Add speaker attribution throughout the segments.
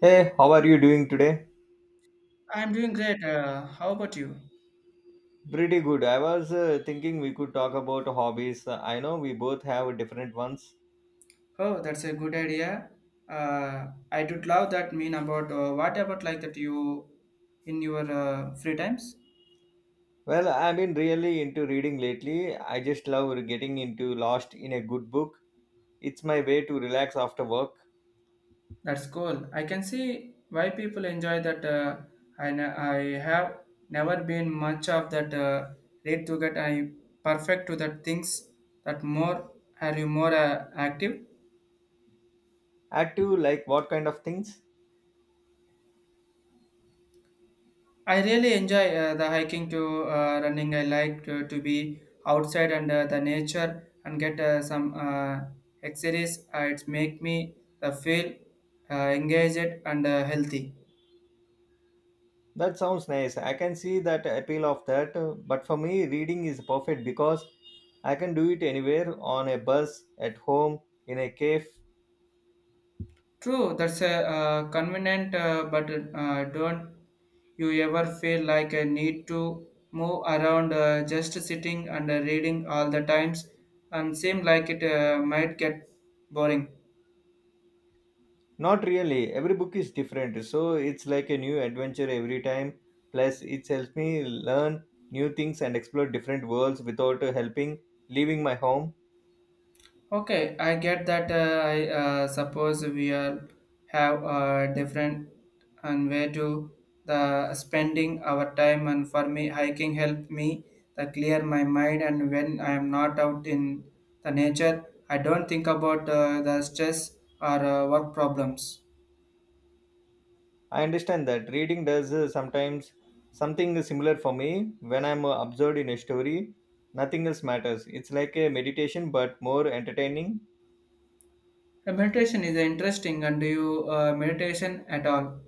Speaker 1: Hey, how are you doing today?
Speaker 2: I'm doing great. How about you?
Speaker 1: Pretty good. I was thinking we could talk about hobbies. I know we both have different ones.
Speaker 2: Oh, that's a good idea. I did love that mean about what about like that you in your free times?
Speaker 1: Well, I've been really into reading lately. I just love getting into lost in a good book. It's my way to relax after work.
Speaker 2: That's cool. I can see why people enjoy that. I have never been much of that read to get I perfect to that things that more are you more active.
Speaker 1: Add to like what kind of things?
Speaker 2: I really enjoy the hiking to running. I like to be outside and the nature and get some exercise. It make me feel engaged and healthy.
Speaker 1: That sounds nice. I can see that appeal of that. But for me, reading is perfect because I can do it anywhere on a bus, at home, in a cave.
Speaker 2: True, that's a convenient, but don't you ever feel like I need to move around just sitting and reading all the times and seem like it might get boring.
Speaker 1: Not really. Every book is different, so it's like a new adventure every time. Plus, it helps me learn new things and explore different worlds without helping leaving my home.
Speaker 2: Okay, I get that. I suppose we all have a different and way to the spending our time. And for me, hiking help me to clear my mind. And when I am not out in the nature, I don't think about the stress or work problems.
Speaker 1: I understand that reading does sometimes something similar for me when I'm absorbed in a story. Nothing else matters. It's like a meditation but more entertaining.
Speaker 2: Meditation is interesting. And do you meditation at all?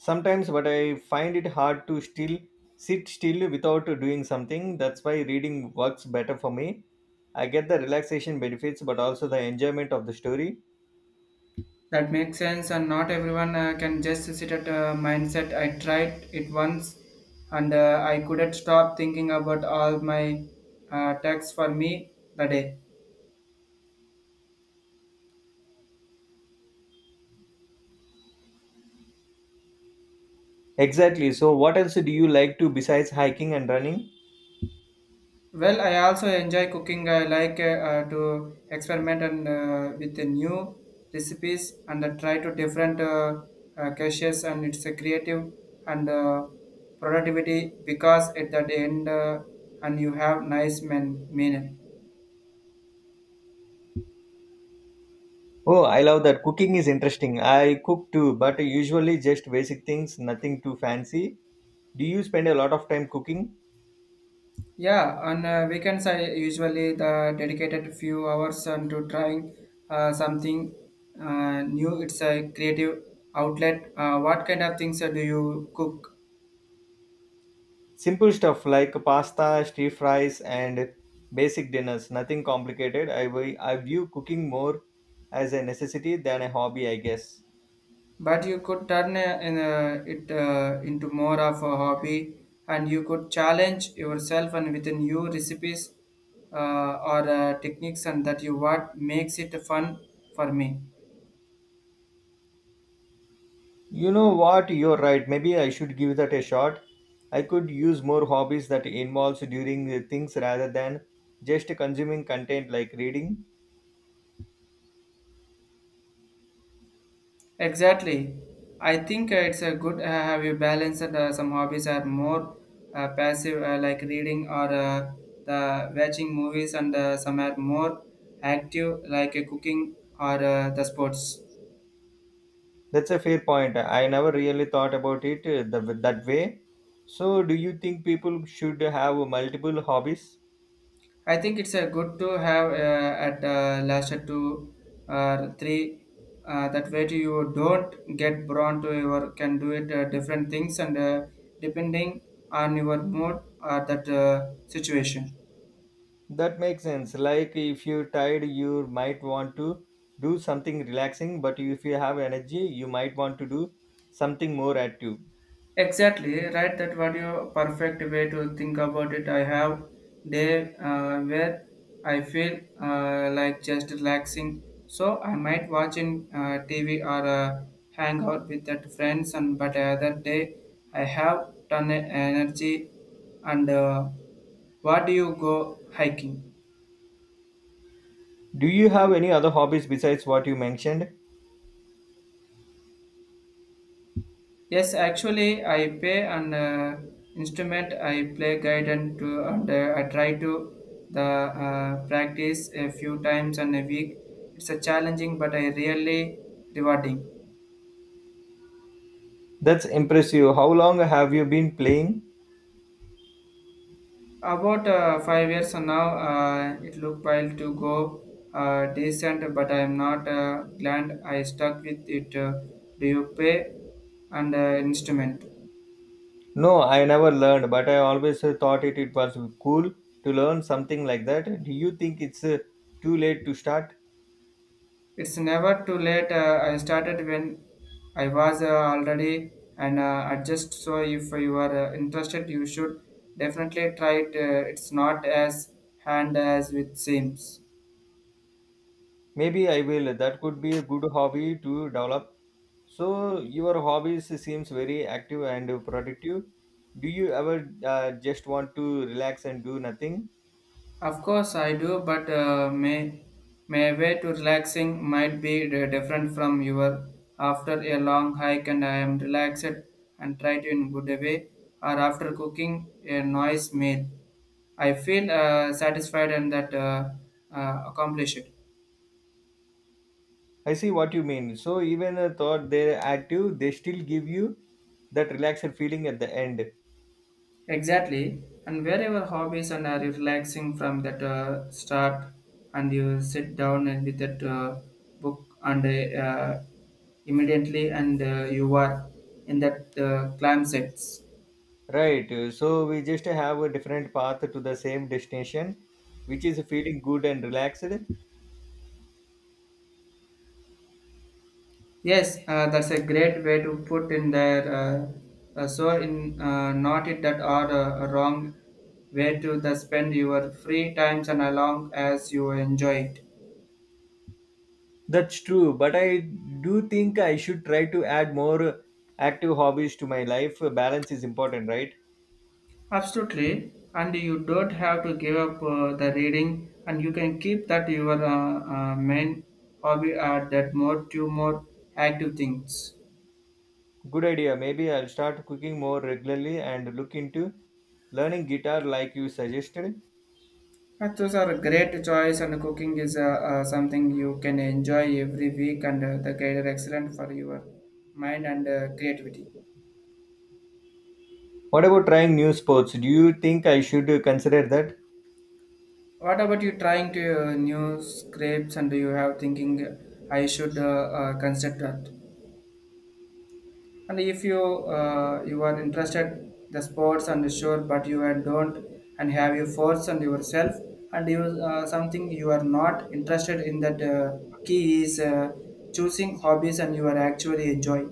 Speaker 1: Sometimes, but I find it hard to still sit still without doing something. That's why reading works better for me. I get the relaxation benefits, but also the enjoyment of the story.
Speaker 2: That makes sense, and not everyone can just sit at a mindset. I tried it once, and I couldn't stop thinking about all my tasks for me the day.
Speaker 1: Exactly. So, what else do you like to besides hiking and running?
Speaker 2: Well, I also enjoy cooking. I like to experiment and with the new recipes and try to different caches, and it's a creative and productivity because at that end, and you have nice men meal.
Speaker 1: Oh, I love that. Cooking is interesting. I cook too, but usually just basic things, nothing too fancy. Do you spend a lot of time cooking?
Speaker 2: Yeah, on weekends I usually the dedicated few hours on to trying something new. It's a creative outlet. What kind of things do you cook?
Speaker 1: Simple stuff like pasta, stir fries, and basic dinners. Nothing complicated. I view cooking more as a necessity than a hobby, I guess.
Speaker 2: But you could turn it into more of a hobby, and you could challenge yourself and within new recipes or techniques, and that you what makes it fun for me.
Speaker 1: You know what? You're right. Maybe I should give that a shot. I could use more hobbies that involves doing the things rather than just consuming content like reading.
Speaker 2: Exactly. I think it's a good have you balanced some hobbies are more passive like reading or the watching movies and some are more active like cooking or the sports.
Speaker 1: That's a fair point. I never really thought about it that way. So, do you think people should have multiple hobbies?
Speaker 2: I think it's a good to have at last two or three that way to you don't get drawn to your can do it different things and depending on your mood or that situation.
Speaker 1: That makes sense. Like if you're tired, you might want to do something relaxing, but if you have energy, you might want to do something more active.
Speaker 2: Exactly, right. That what your perfect way to think about it. I have day where I feel like just relaxing, so I might watch in TV or hang out with that friends. And but other day I have ton of energy. And What do you go hiking?
Speaker 1: Do you have any other hobbies besides what you mentioned?
Speaker 2: Yes, actually, I play an instrument. I play guitar to, and I try to the practice a few times in a week. It's a challenging, but I really rewarding.
Speaker 1: That's impressive. How long have you been playing?
Speaker 2: About 5 years now, it looked while to go decent, but I am not glad I stuck with it. Do you play an instrument?
Speaker 1: No, I never learned, but I always thought it was cool to learn something like that. Do you think it's too late to start?
Speaker 2: It's never too late. I started when I was already and adjust. So if you are interested, you should definitely try it. It's not as hand as it seems.
Speaker 1: Maybe I will. That could be a good hobby to develop. So your hobbies seems very active and productive. Do you ever just want to relax and do nothing?
Speaker 2: Of course, I do, but may my way to relaxing might be different from your after a long hike and I am relaxed and try to in good way or after cooking a nice meal. I feel satisfied and that accomplished.
Speaker 1: I see what you mean. So even though they're active, they still give you that relaxed feeling at the end.
Speaker 2: Exactly. And wherever hobbies and are relaxing from that start, and you sit down and with that book, and uh, immediately, and you are in that clam sets.
Speaker 1: Right. So we just have a different path to the same destination, which is feeling good and relaxed.
Speaker 2: Yes, that's a great way to put in there. So, in not it that are wrong way to the spend your free times and along as you enjoy it.
Speaker 1: That's true, but I do think I should try to add more active hobbies to my life. Balance is important, right?
Speaker 2: Absolutely, and you don't have to give up the reading, and you can keep that your main hobby at that more two more active things.
Speaker 1: Good idea. Maybe I'll start cooking more regularly and look into learning guitar like you suggested.
Speaker 2: But those are a great choice, and cooking is something you can enjoy every week, and the guide are excellent for your mind and creativity.
Speaker 1: What about trying new sports? Do you think I should consider that?
Speaker 2: What about you trying to new scrapes, and you have thinking I should consider that? And if you you are interested the sports and sure, but you are don't and have you force on yourself and you something you are not interested in that key is choosing hobbies and you are actually enjoy.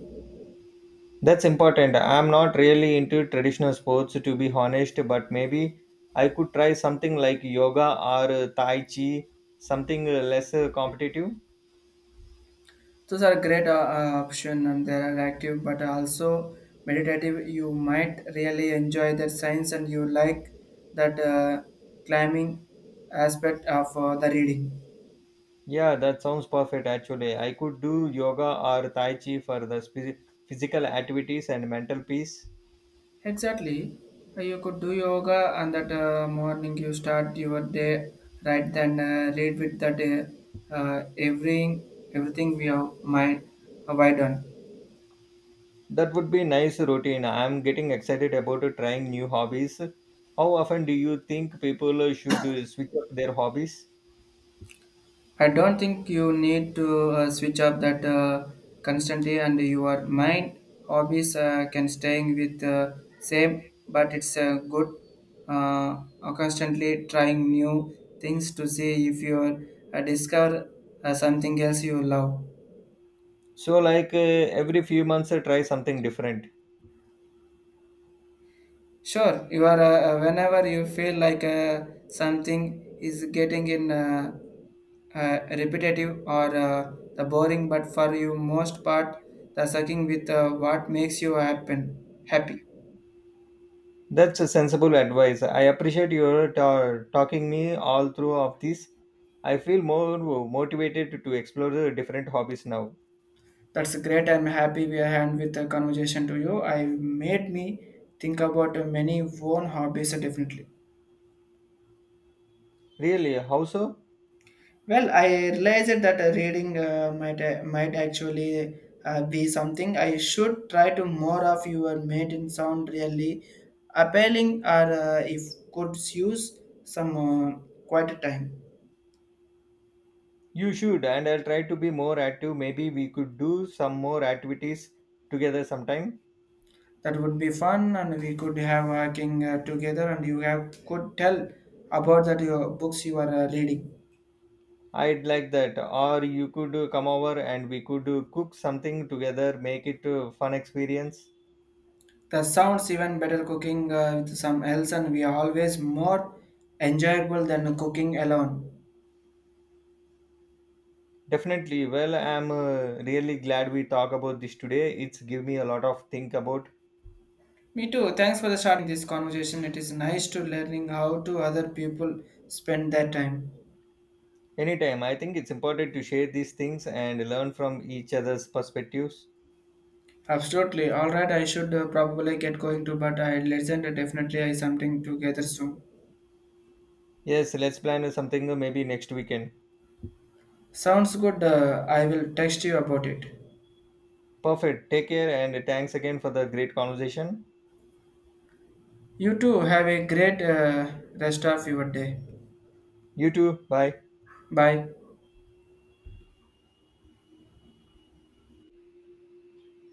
Speaker 1: That's important. I'm not really into traditional sports to be honest, but maybe I could try something like yoga or tai chi, something less competitive.
Speaker 2: Those are great option and they are active but also meditative. You might really enjoy that science and you like that climbing aspect of the reading.
Speaker 1: Yeah, that sounds perfect actually. I could do yoga or tai chi for the physical activities and mental peace.
Speaker 2: Exactly. You could do yoga and that morning you start your day right then read with that uh, uh, everything everything we have mind why done.
Speaker 1: That would be nice routine. I'm getting excited about trying new hobbies. How often do you think people should switch up their hobbies?
Speaker 2: I don't think you need to switch up that constantly and your mind hobbies can staying with same but it's a good constantly trying new things to see if you discover something else you love.
Speaker 1: So like every few months try something different.
Speaker 2: Sure, you are whenever you feel like something is getting in repetitive or the boring, but for you most part, the sucking with what makes you happen happy.
Speaker 1: That's a sensible advice. I appreciate your talking me all through of this. I feel more motivated to explore the different hobbies now.
Speaker 2: That's great. I'm happy we had with the conversation to you. I made me think about many own hobbies definitely.
Speaker 1: Really, how so?
Speaker 2: Well, I realized that reading might actually be something I should try to more of. Your made in sound really appealing, or if could use some quiet time.
Speaker 1: You should, and I'll try to be more active. Maybe we could do some more activities together sometime.
Speaker 2: That would be fun, and we could have working together. And you have could tell about that your books you are reading.
Speaker 1: I'd like that. Or you could come over and we could cook something together, make it a fun experience.
Speaker 2: The sounds even better cooking with some else, and we are always more enjoyable than cooking alone.
Speaker 1: Definitely. Well, I'm really glad we talk about this today. It's give me a lot of think about.
Speaker 2: Me too. Thanks for the starting this conversation. It is nice to learning how to other people spend their time.
Speaker 1: Anytime, I think it's important to share these things and learn from each other's perspectives.
Speaker 2: Absolutely. All right. I should probably get going to, but I listen to definitely I something together soon.
Speaker 1: Yes, let's plan something maybe next weekend.
Speaker 2: Sounds good. I will text you about it.
Speaker 1: Perfect. Take care and thanks again for the great conversation.
Speaker 2: You too. Have a great rest of your day.
Speaker 1: You too. Bye.
Speaker 2: Bye.